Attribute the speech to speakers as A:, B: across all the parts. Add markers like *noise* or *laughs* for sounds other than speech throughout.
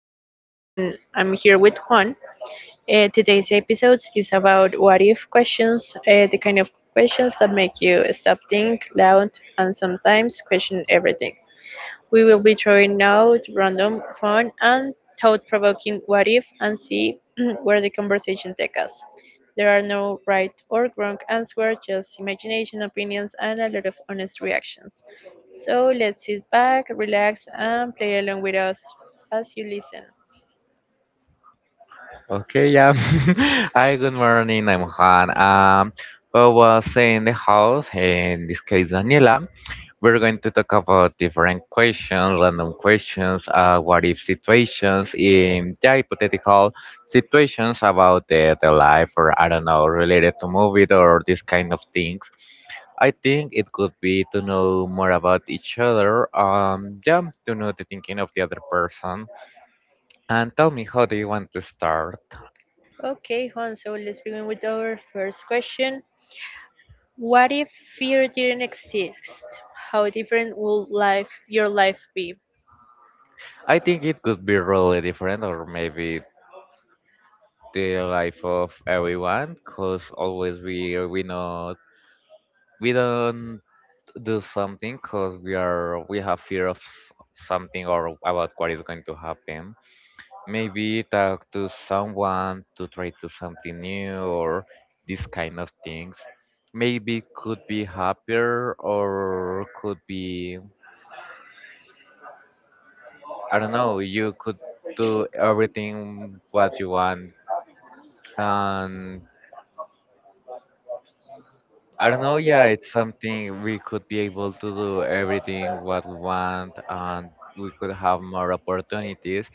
A: am Daniela and I'm here with Juan. Today's episode is about what if questions, the kind of questions that make you stop, think, loud, and sometimes question everything. We will be throwing out random, fun, and thought provoking what if and see *clears throat* where the conversation takes us. There are no right or wrong answer, just imagination, opinions, and a lot of honest reactions. So let's sit back, relax, and play along with us as you listen.
B: Okay, yeah. *laughs* Hi, good morning. I'm Han. Well, was in the house, in this case, Daniela. We're going to talk about different questions, random questions, what if situations, in yeah, hypothetical situations about the life or I don't know, related to movies or this kind of things. I think it could be to know more about each other. Yeah, to know the thinking of the other person. And tell me, how do you want to start?
A: Okay, Juan, so let's begin with our first question. What if fear didn't exist? How different would life your life be?
B: I think it could be really different, or maybe the life of everyone, cause always we don't do something, cause we have fear of something or about what is going to happen. Maybe talk to someone to try to something new or these kind of things. Maybe could be happier or could be I don't know. You could do everything what you want and I don't know. Yeah, it's something we could be able to do everything what we want, and we could have more opportunities.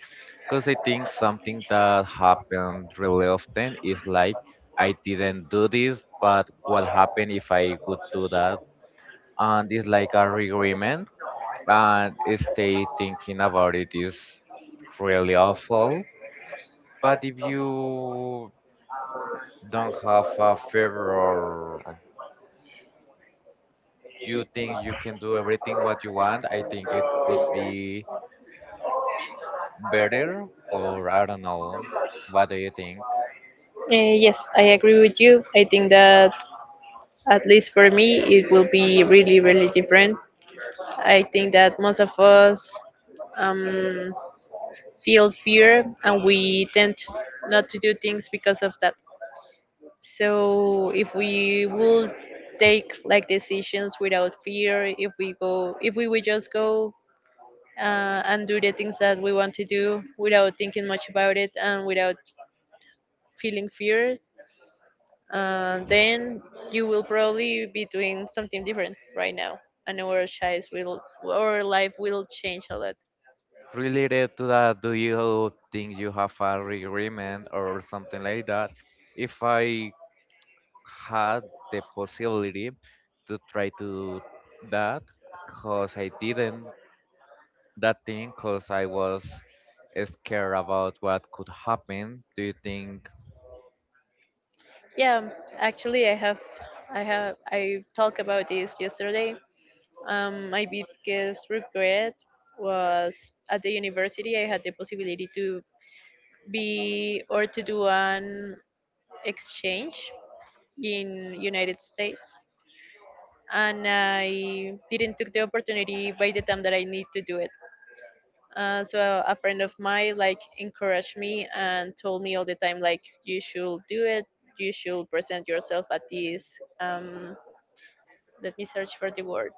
B: Because I think something that happened really often is like I didn't do this, but what happened if I could do that? And it's like a regret, and stay thinking about it is really awful. But if you don't have a favor you think you can do everything what you want, I think it could be better or I don't know. What do you think?
A: Yes, I agree with you. I think that at least for me, it will be really, really different. I think that most of us um, feel fear and we tend not to do things because of that. So if we will take like decisions without fear, if we go, if we would just go and do the things that we want to do without thinking much about it and without feeling fear, then you will probably be doing something different right now, and our lives will our life will change a lot.
B: Related to that, do you think you have a agreement or something like that? If I had the possibility to try to that, cause I didn't that thing, cause I was scared about what could happen. Do you think?
A: Yeah, actually, I talked about this yesterday. My biggest regret was at the university. I had the possibility to be or to do an exchange in United States, and I didn't took the opportunity by the time that I need to do it. So a friend of mine like encouraged me and told me all the time like you should do it. You should present yourself at this. Um, Let me search for the word.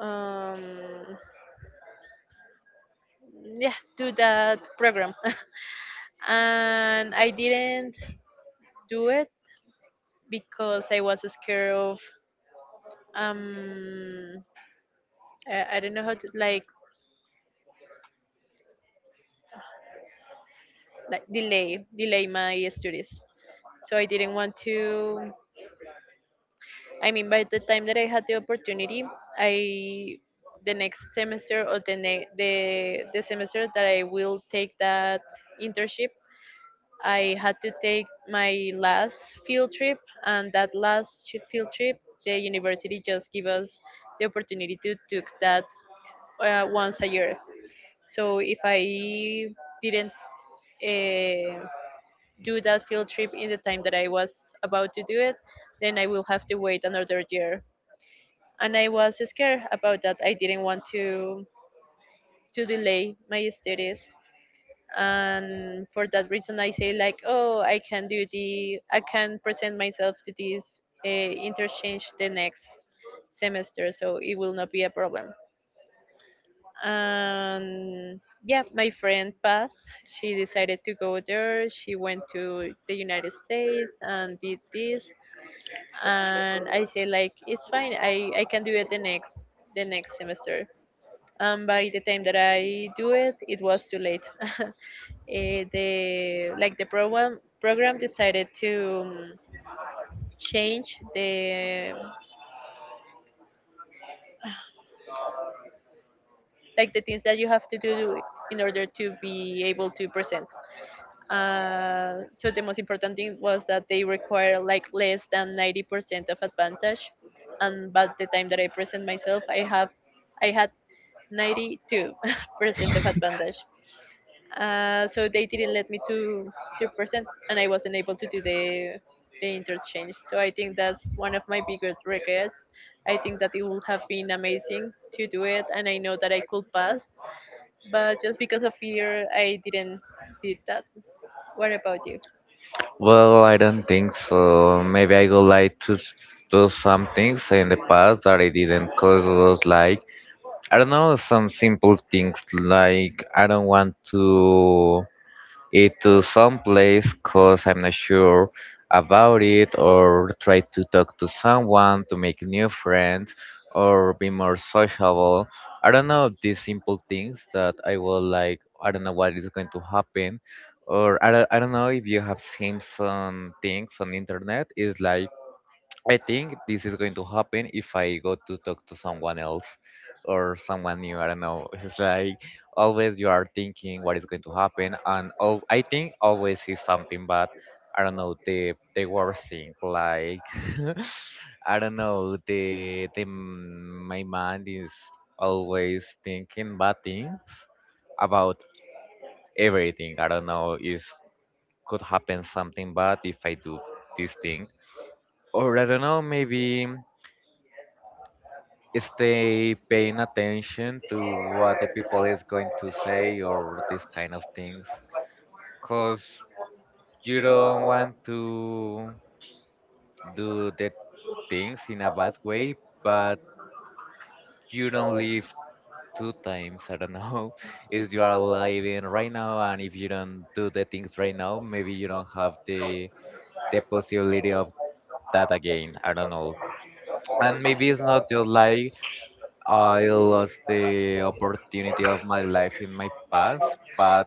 A: Um, yeah, do that program. *laughs* And I didn't do it because I was scared of um I don't know how to like delay my studies. So I didn't want to. I mean, by the time that I had the opportunity, I the next semester or the the semester that I will take that internship, I had to take my last field trip, and that last field trip, the university just give us the opportunity to take that once a year. So if I didn't uh, do that field trip in the time that I was about to do it, then I will have to wait another year, and I was scared about that. I didn't want to delay my studies, and for that reason, I say like, oh, I can do I can present myself to this interchange the next semester, so it will not be a problem. And yeah, my friend Paz, she decided to go there. She went to the United States and did this, and I say like, it's fine. I can do it the next semester, and by the time that I do it, it was too late. *laughs* The like the program decided to change the like the things that you have to do in order to be able to present. So the most important thing was that they require like less than 90% of advantage, and by the time that I present myself, I had 92% *laughs* of advantage. So they didn't let me to present, and I wasn't able to do the interchange. So I think that's one of my biggest regrets. I think that it would have been amazing to do it, and I know that I could pass, but just because of fear, I didn't did that. What about you?
B: Well, I don't think so. Maybe I would like to do some things in the past that I didn't because it was like, I don't know, some simple things like I don't want to it to some place cause I'm not sure about it or try to talk to someone to make new friends or be more sociable. I don't know these simple things that I will like I don't know what is going to happen or I don't know if you have seen some things on internet is like I think this is going to happen if I go to talk to someone else or someone new. I don't know. *laughs* It's like always you are thinking what is going to happen, and oh, I think always is something. But I don't know the worst thing. Like *laughs* I don't know the my mind is always thinking bad things about everything. I don't know if could happen something bad if I do this thing or I don't know, maybe stay paying attention to what the people is going to say or these kind of things because you don't want to do the things in a bad way but you don't live two times. I don't know, *laughs* if you are living right now and if you don't do the things right now maybe you don't have the possibility of that again. I don't know, and maybe it's not just like I lost the opportunity of my life in my past, but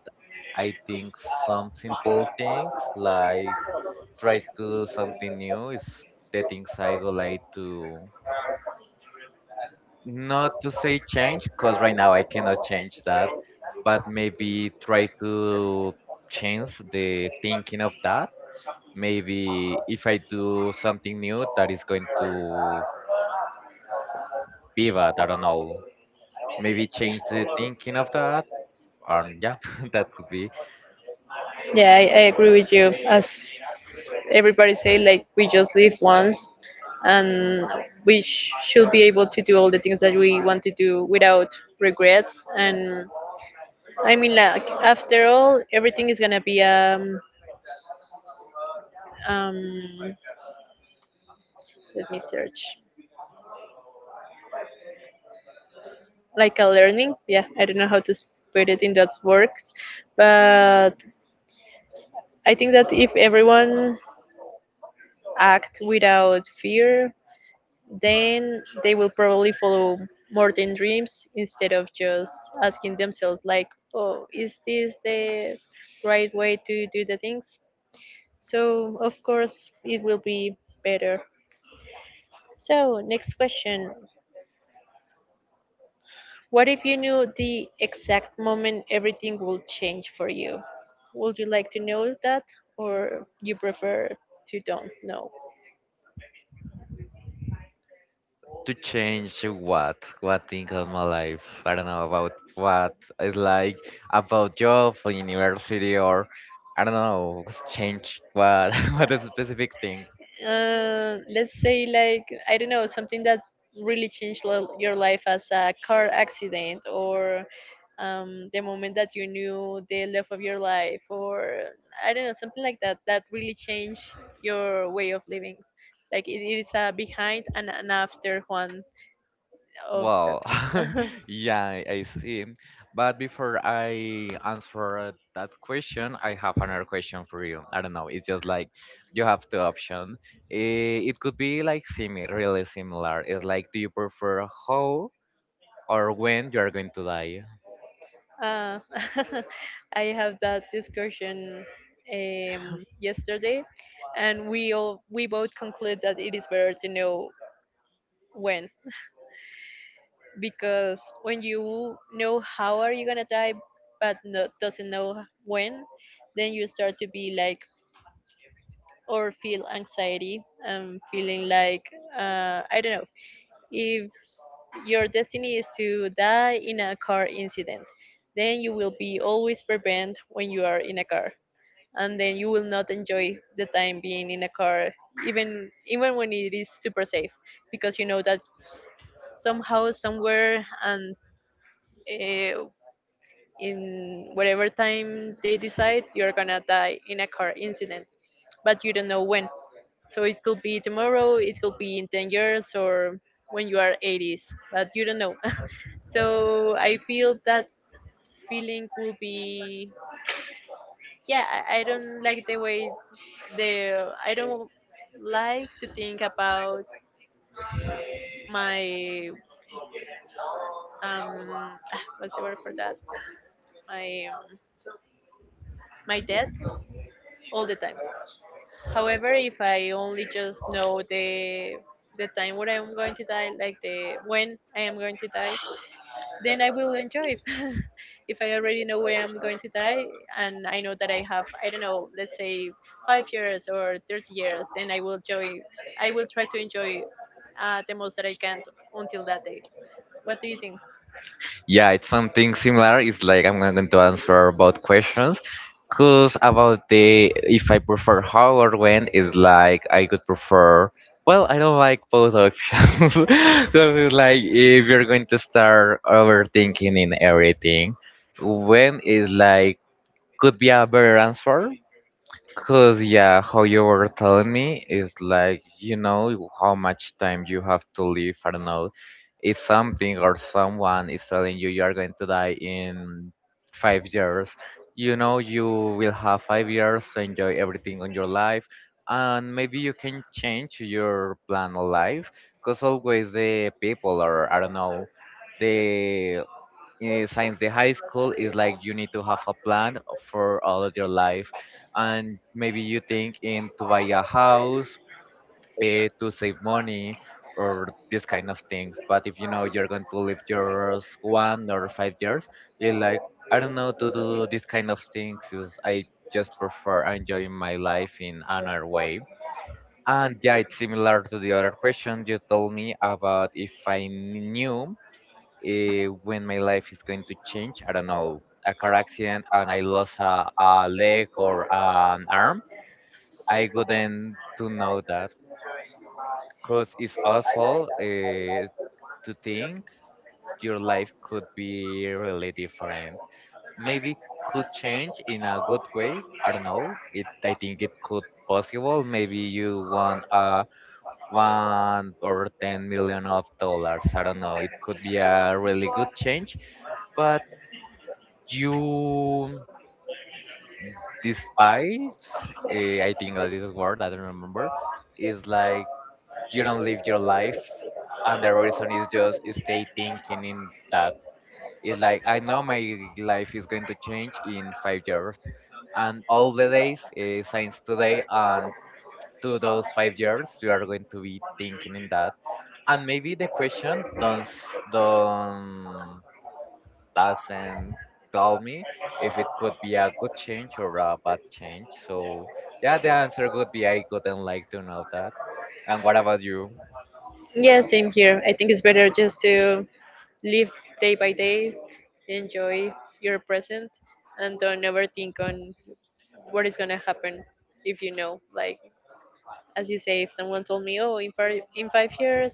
B: I think some simple things like try to do something new is the things I would like to not to say change because right now I cannot change that, but maybe try to change the thinking of that. Maybe if I do something new that is going to pivot, I don't know. Maybe change the thinking of that. And yeah, *laughs* that could be.
A: Yeah, I agree with you. As everybody say, like we just live once, and we should be able to do all the things that we want to do without regrets. And I mean, like after all, everything is gonna be um. Let me search. Like a learning. Yeah, I don't know how to put it in those words, but I think that if everyone act without fear, then they will probably follow more than dreams instead of just asking themselves like, oh, is this the right way to do the things? So of course it will be better. So, next question. What if you knew the exact moment everything will change for you? Would you like to know that, or you prefer to don't know?
B: To change what? What thing of my life? I don't know about what. It's like about job or university or I don't know. What's Change what? *laughs* What is a specific thing?
A: Let's say like I don't know something that really changed your life, as a car accident or the moment that you knew the love of your life, or I don't know, something like that that really changed your way of living. Like it is a behind and an after one of that
B: Well, *laughs*
A: one. *laughs*
B: yeah, I see. But before I answer that question, I have another question for you. I don't know. It's just like you have two options. It could be like similar, really similar. It's like, do you prefer how or when you are going to die?
A: Uh, *laughs* I have that discussion yesterday, and we all, we both conclude that it is better to know when, because when you know how are you gonna die, but no, doesn't know when, then you start to be like or feel anxiety and feeling like, I don't know, if your destiny is to die in a car incident, then you will be always prevent when you are in a car, and then you will not enjoy the time being in a car even when it is super safe, because you know that somehow somewhere and uh, in whatever time they decide you're gonna die in a car incident, but you don't know when. So it could be tomorrow, it could be in 10 years, or when you are 80s, but you don't know. *laughs* So I feel that feeling will be, yeah, I don't like the way the I don't like to think about my um ah, what's the word for that, my my debt all the time. However, if I only just know the time when I'm going to die, like the when I am going to die, then I will enjoy. *laughs* If I already know where I'm going to die, and I know that I have, I don't know, let's say 5 years or 30 years, then I will enjoy. I will try to enjoy the most that I can until that day. What do you think?
B: Yeah, it's something similar. It's like I'm going to answer about questions. Because about the if I prefer how or when is like I could prefer. Well, I don't like both options. *laughs* Because it's like if you're going to start overthinking in everything, when is like could be a better answer. Cause yeah, how you were telling me is like you know how much time you have to live. I don't know if something or someone is telling you you are going to die in 5 years. You know you will have 5 years to enjoy everything on your life, and maybe you can change your plan of life. Cause always the people are I don't know they since the high school is like you need to have a plan for all of your life and maybe you think in to buy a house, to save money or this kind of things but if you know you're going to live yours 1 or 5 years you're like I don't know to do this kind of things 'cause I just prefer enjoying my life in another way and yeah it's similar to the other question you told me about if I knew when my life is going to change. I don't know, a car accident and I lost a leg or an arm. I wouldn't to know that because it's awful to think your life could be really different. Maybe could change in a good way. I don't know. It I think it could possible. Maybe you want 1 or 10 million of dollars. I don't know. It could be a really good change, but you despise, I think that is a word I don't remember, is like you don't live your life and the reason is just stay thinking in that. It's like I know my life is going to change in 5 years and all the days, since today and to those 5 years you are going to be thinking in that. And maybe the question don't s- don't doesn't tell me if it could be a good change or a bad change. So yeah, the answer could be I couldn't like to know that. And what about you?
A: Yeah, same here. I think it's better just to live day by day, enjoy your present, and don't overthink on what is gonna happen if you know. Like as you say, if someone told me, "Oh, 5 years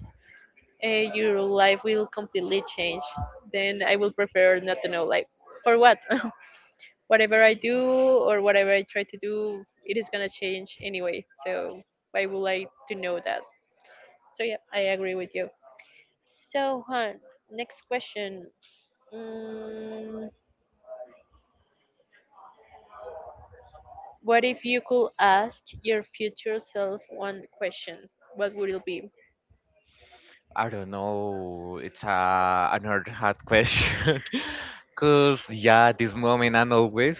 A: your life will completely change," then I will prefer not to know. Like, for what? *laughs* Whatever I do or whatever I try to do, it is gonna change anyway. So why would I to know that? So yeah, I agree with you. So Juan, next question. Mm, what if you could ask your future self one question? What would it be?
B: I don't know. It's a another hard question. *laughs* Cause yeah, this moment and always,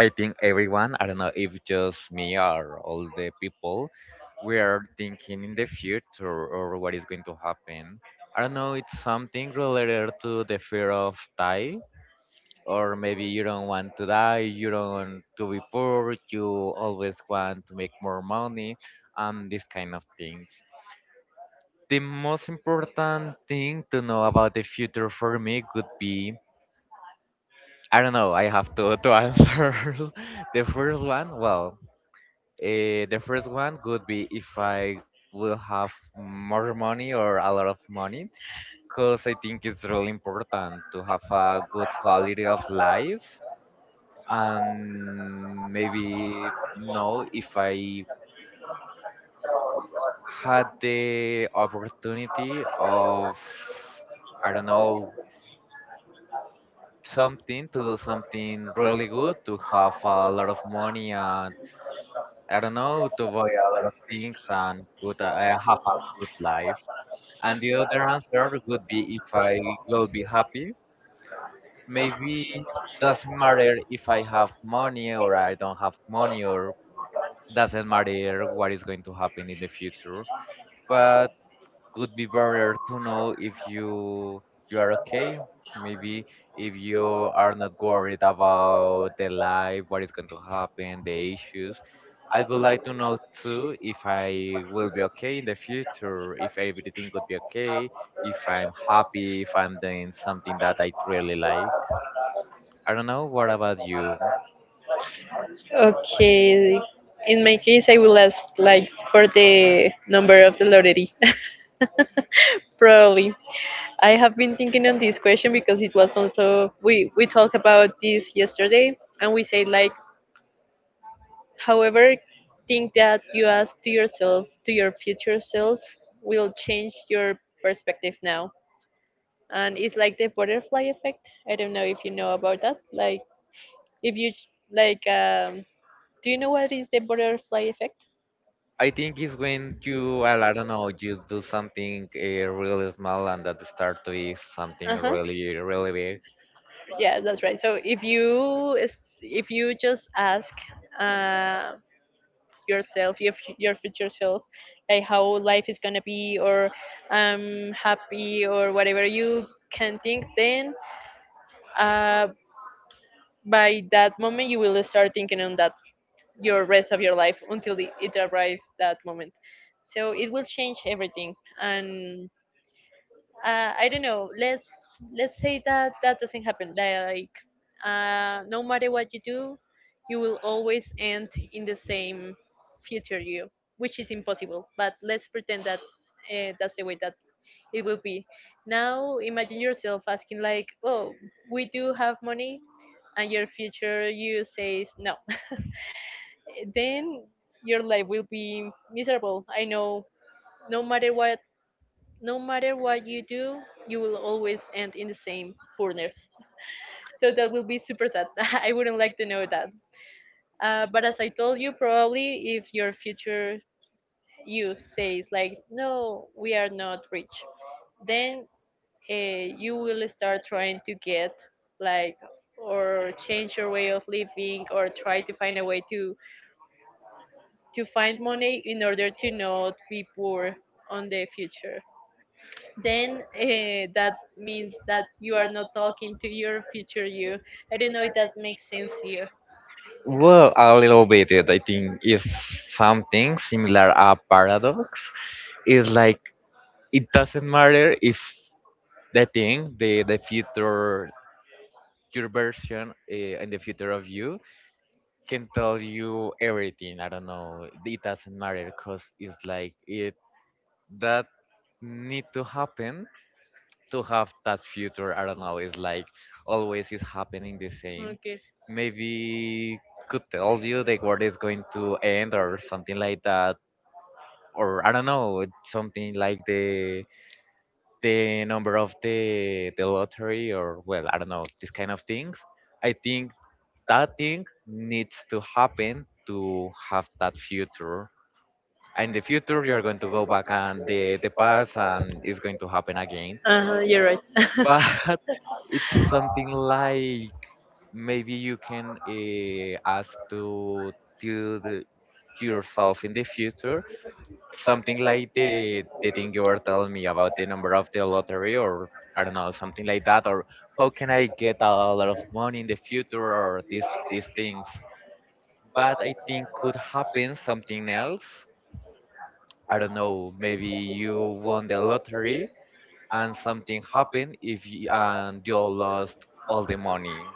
B: I think everyone, I don't know if just me or all the people, we are thinking in the future or what is going to happen. I don't know. It's something related to the fear of die or maybe you don't want to die, you don't to be poor, you always want to make more money and these kind of things. The most important thing to know about the future for me could be I don't know. I have to answer *laughs* the first one well. The first one could be if I will have more money or a lot of money because I think it's really important to have a good quality of life and maybe know if I had the opportunity of I don't know, something to do something really good to have a lot of money and I don't know, to buy some things and good, have a good life. And the other answer would be if I will be happy. Maybe doesn't matter if I have money or I don't have money or doesn't matter what is going to happen in the future but could be better to know if you are okay, maybe if you are not worried about the life, what is going to happen, the issues. I would like to know too if I will be okay in the future, if everything could be okay, if I'm happy, if I'm doing something that I really like. I don't know, what about you?
A: Okay. In my case, I will ask like for the number of the lottery, *laughs* probably. I have been thinking on this question, because it was also we talked about this yesterday, and we say like however think that you ask to yourself to your future self will change your perspective now. And it's like the butterfly effect. I don't know if you know about that. Like if you do you know what is the butterfly effect?
B: I think it's when you, well, I don't know, you do something really small and that start to be something
A: Uh-huh.
B: really, really big.
A: Yeah, that's right. So if you if you just ask uh, yourself, your your future self, like how life is gonna be, or happy, or whatever you can think, then uh, by that moment you will start thinking on that your rest of your life until it arrives that moment. So it will change everything, and I don't know. Let's say that that doesn't happen. Like, no matter what you do, you will always end in the same future you, which is impossible. But let's pretend that that's the way that it will be. Now, imagine yourself asking like, "Oh, we do have money," and your future you says no. *laughs* Then your life will be miserable. I know. No matter what no matter what you do, you will always end in the same burners. So that will be super sad. *laughs* I wouldn't like to know that. But as I told you, probably if your future you says like, no, we are not rich, then uh, you will start trying to get like or change your way of living, or try to find a way to find money in order to not be poor on the future. Then that means that you are not talking to your future you. I don't know if that makes sense to you.
B: Well, a little bit, it, I think, is something similar a paradox. It's like it doesn't matter if the thing, the future, your version, and the future of you can tell you everything. I don't know. It doesn't matter because it's like it that need to happen to have that future. I don't know. It's like always is happening the same.
A: Okay.
B: Maybe could tell you the world is going to end or something like that. Or I don't know, something like the number of the lottery or well, I don't know, this kind of things. I think that thing needs to happen to have that future. And in the future, you're going to go back and the past, and it's going to happen again.
A: Uh-huh, you're right.
B: But *laughs* it's something like maybe you can ask to do yourself in the future, something like the thing you were telling me about the number of the lottery, or I don't know, something like that, or how can I get a lot of money in the future, or these things. But I think could happen something else. I don't know, maybe you won the lottery and something happened if you, and you lost all the money.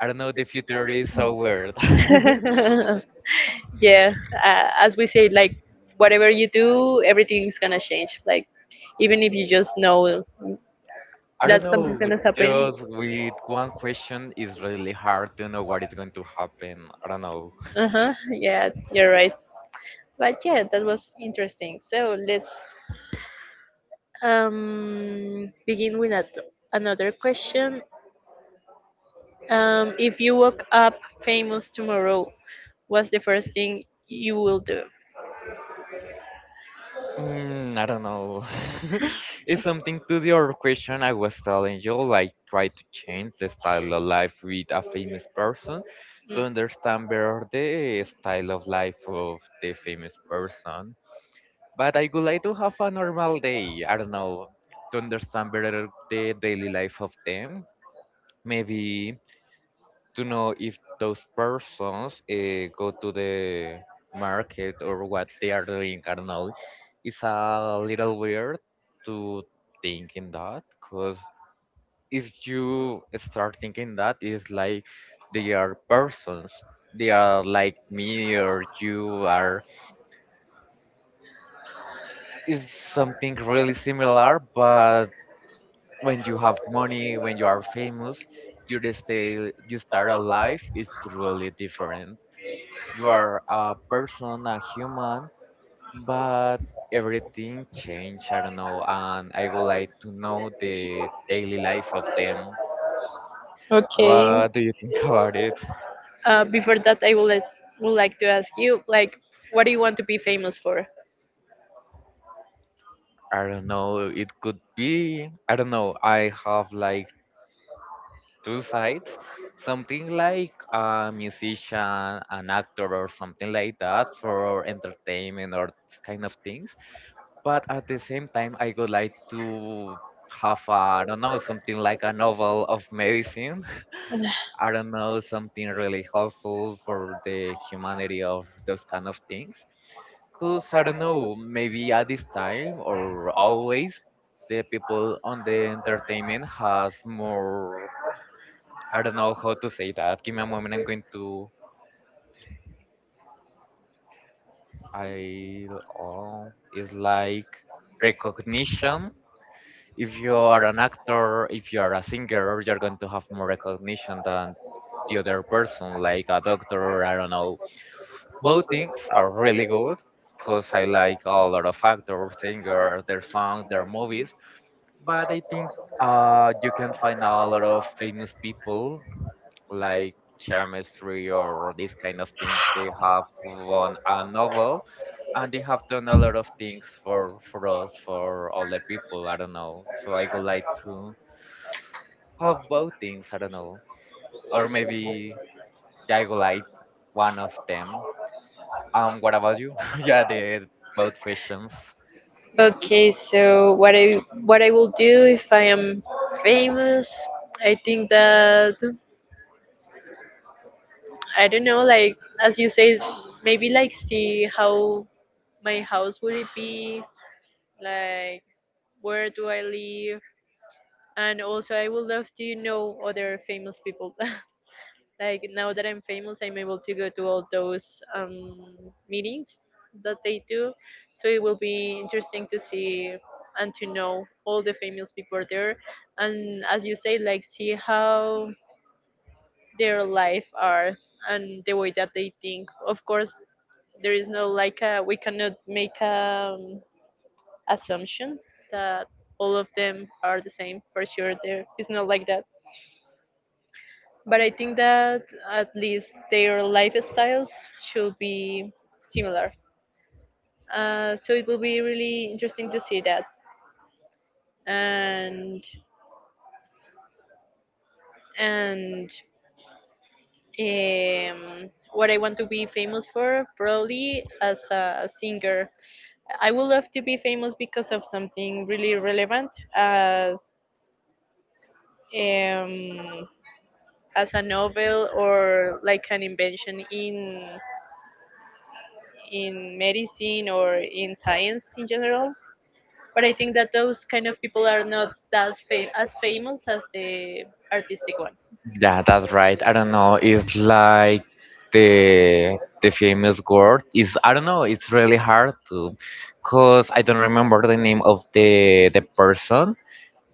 B: I don't know, the future is so weird. *laughs*
A: *laughs* Yeah, as we say, like whatever you do, everything's gonna change. Like even if you just know
B: I
A: that
B: don't
A: something's
B: know,
A: gonna happen.
B: just with one question, it's really hard to know what is going to happen. I don't know.
A: Uh huh. Yeah, you're right. But yeah, that was interesting. So let's begin with that another question. If you woke up famous tomorrow, what's the first thing you will do?
B: I don't know. *laughs* It's something to the other question I was telling you, like try to change the style of life with a famous person
A: Mm.
B: to understand better the style of life of the famous person. But I would like to have a normal day. I don't know, to understand better the daily life of them. Maybe to know if those persons go to the market or what they are doing. I don't know. It's a little weird to think in that, because if you start thinking that, it's like they are persons. They are like me or you are. It's something really similar, but when you have money, when you are famous, your stay, you start a life is really different. You are a person, a human, but everything changed. I don't know, and I would like to know the daily life of them.
A: Okay.
B: What do you think *laughs* about it?
A: Before that, would like to ask you, like, what do you want to be famous for?
B: I don't know. It could be. I don't know. I have like two sides, something like a musician, an actor, or something like that for entertainment or this kind of things, but at the same time I would like to have a, I don't know, something like a novel of medicine. *laughs* I don't know, something really helpful for the humanity of those kind of things. Because I don't know, maybe at this time or always, the people on the entertainment has more, I don't know how to say that. Give me a moment. I'm going to. I Oh, it's like recognition. If you are an actor, if you are a singer, you're going to have more recognition than the other person, like a doctor. I don't know. Both things are really good, because I like a lot of actors, singers, their songs, their movies. But I think you can find a lot of famous people like chemistry or these kind of things. They have won a novel and they have done a lot of things for us, for all the people. I don't know. So I would like to have both things. I don't know, or maybe I would like one of them. What about you? *laughs* Yeah, the both questions.
A: Okay, so what I will do if I am famous, I think that I don't know, like as you say, maybe like see how my house would it be, like where do I live, and also I would love to know other famous people. *laughs* Like now that I'm famous, I'm able to go to all those meetings that they do. So it will be interesting to see and to know all the famous people there, and as you say, like see how their life are and the way that they think. Of course, there is no like we cannot make a assumption that all of them are the same. For sure, there is not like that. But I think that at least their lifestyles should be similar. So it will be really interesting to see that. And and what I want to be famous for, probably as a singer. I would love to be famous because of something really relevant, as um, as a novel or like an invention in medicine or in science in general. But I think that those kind of people are not as as famous as the artistic one.
B: Yeah, that's right. I don't know. It's like the the famous word is, I don't know. It's really hard to, cause I don't remember the name of the person.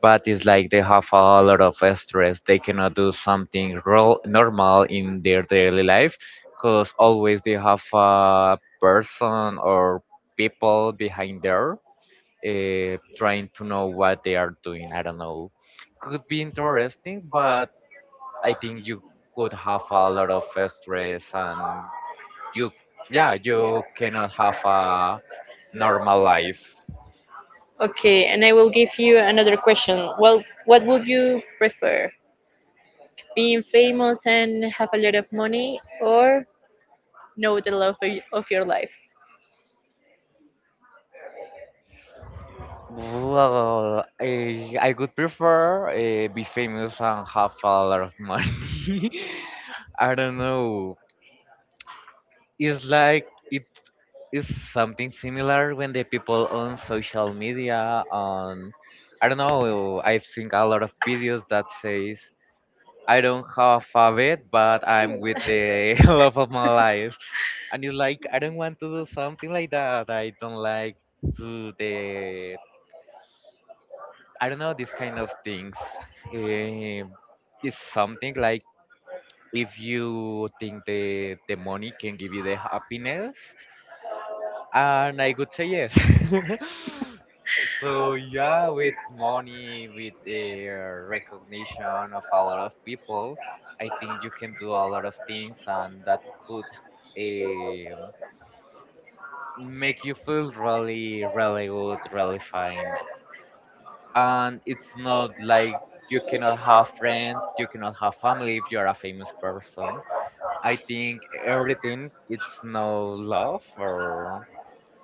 B: But it's like they have a lot of stress. They cannot do something real normal in their daily life, cause always they have a person or people behind there, trying to know what they are doing. I don't know. Could be interesting, but I think you could have a lot of stress and you, yeah, you cannot have a normal life.
A: Okay, and I will give you another question. Well, what would you prefer? Being famous and have a lot of money, or know the love of, of your life?
B: Well, I would prefer be famous and have a lot of money. *laughs* I don't know. It's like it is something similar when the people on social media on, I don't know. I have seen a lot of videos that says I don't have a bed, but I'm with the *laughs* love of my life. And it's like I don't want to do something like that. I don't like to the I don't know, these kind of things. Um, it's something like, if you think the money can give you the happiness, and I could say yes. *laughs* So yeah, with money, with the recognition of a lot of people, I think you can do a lot of things, and that could um make you feel really, really good, really fine. And it's not like you cannot have friends, you cannot have family if you are a famous person. I think everything it's no love or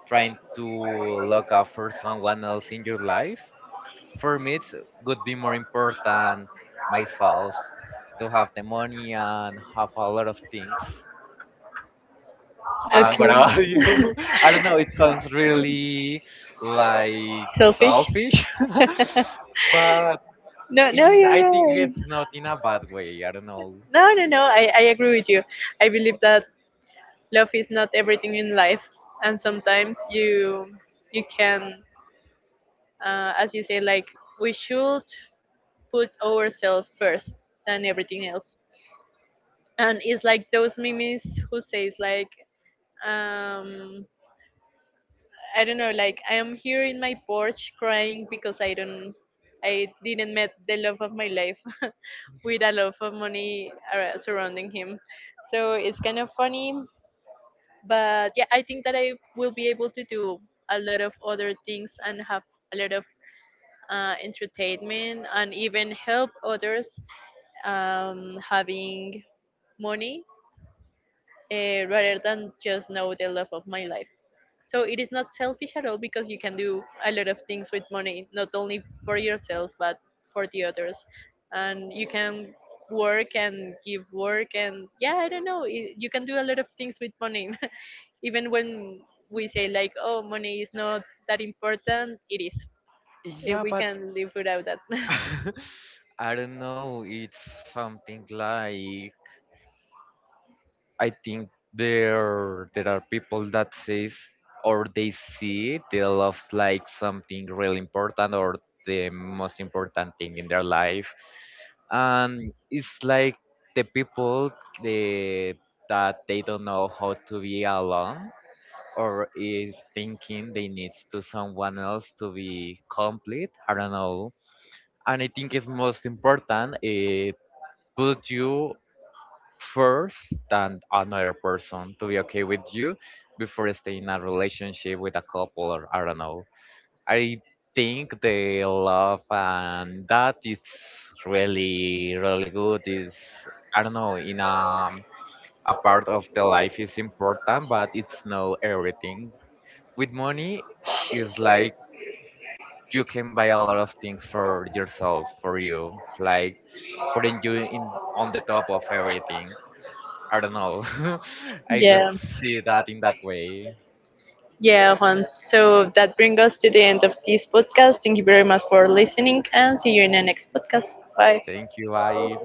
B: trying to look out for someone else in your life. For me, it would be more important myself to have the money and have a lot of things. And what about you?
A: Okay.
B: *laughs* I don't know. It sounds really like
A: *laughs* Selfish?
B: selfish, *laughs*
A: *laughs*
B: but
A: No, no,
B: in
A: you're
B: I think
A: right.
B: it's not in a bad way. I don't know.
A: No, no, no, I agree with you. I believe that love is not everything in life, and sometimes you can, as you say, like we should put ourselves first than everything else. And it's like those memes who says like, um, I don't know, like I am here in my porch crying because I didn't met the love of my life *laughs* with a lot of money surrounding him. So it's kind of funny, but yeah, I think that I will be able to do a lot of other things and have a lot of entertainment, and even help others having money, rather than just know the love of my life. So it is not selfish at all, because you can do a lot of things with money, not only for yourself but for the others, and you can work and give work, and yeah, I don't know, you can do a lot of things with money, *laughs* even when we say like, oh, money is not that important, it is. Eh,
B: Yeah,
A: we
B: but
A: can live without that. *laughs*
B: *laughs* I don't know. It's something like, I think there are people that says or they see their love's like something really important or the most important thing in their life, and it's like the people the that they don't know how to be alone, or is thinking they need to someone else to be complete. I don't know, and I think it's most important. It put you first than another person to be okay with you before staying in a relationship with a couple, or I don't know. I think the love and that is really really good is, I don't know, in a part of the life is important but it's not everything. With money it's like you can buy a lot of things for yourself, for you, like putting you in on the top of everything. I don't know. *laughs* I could
A: Yeah.
B: see that in that way.
A: Yeah, Juan. So that brings us to the end of this podcast. Thank you very much for listening and see you in the next podcast. Bye.
B: Thank you, I.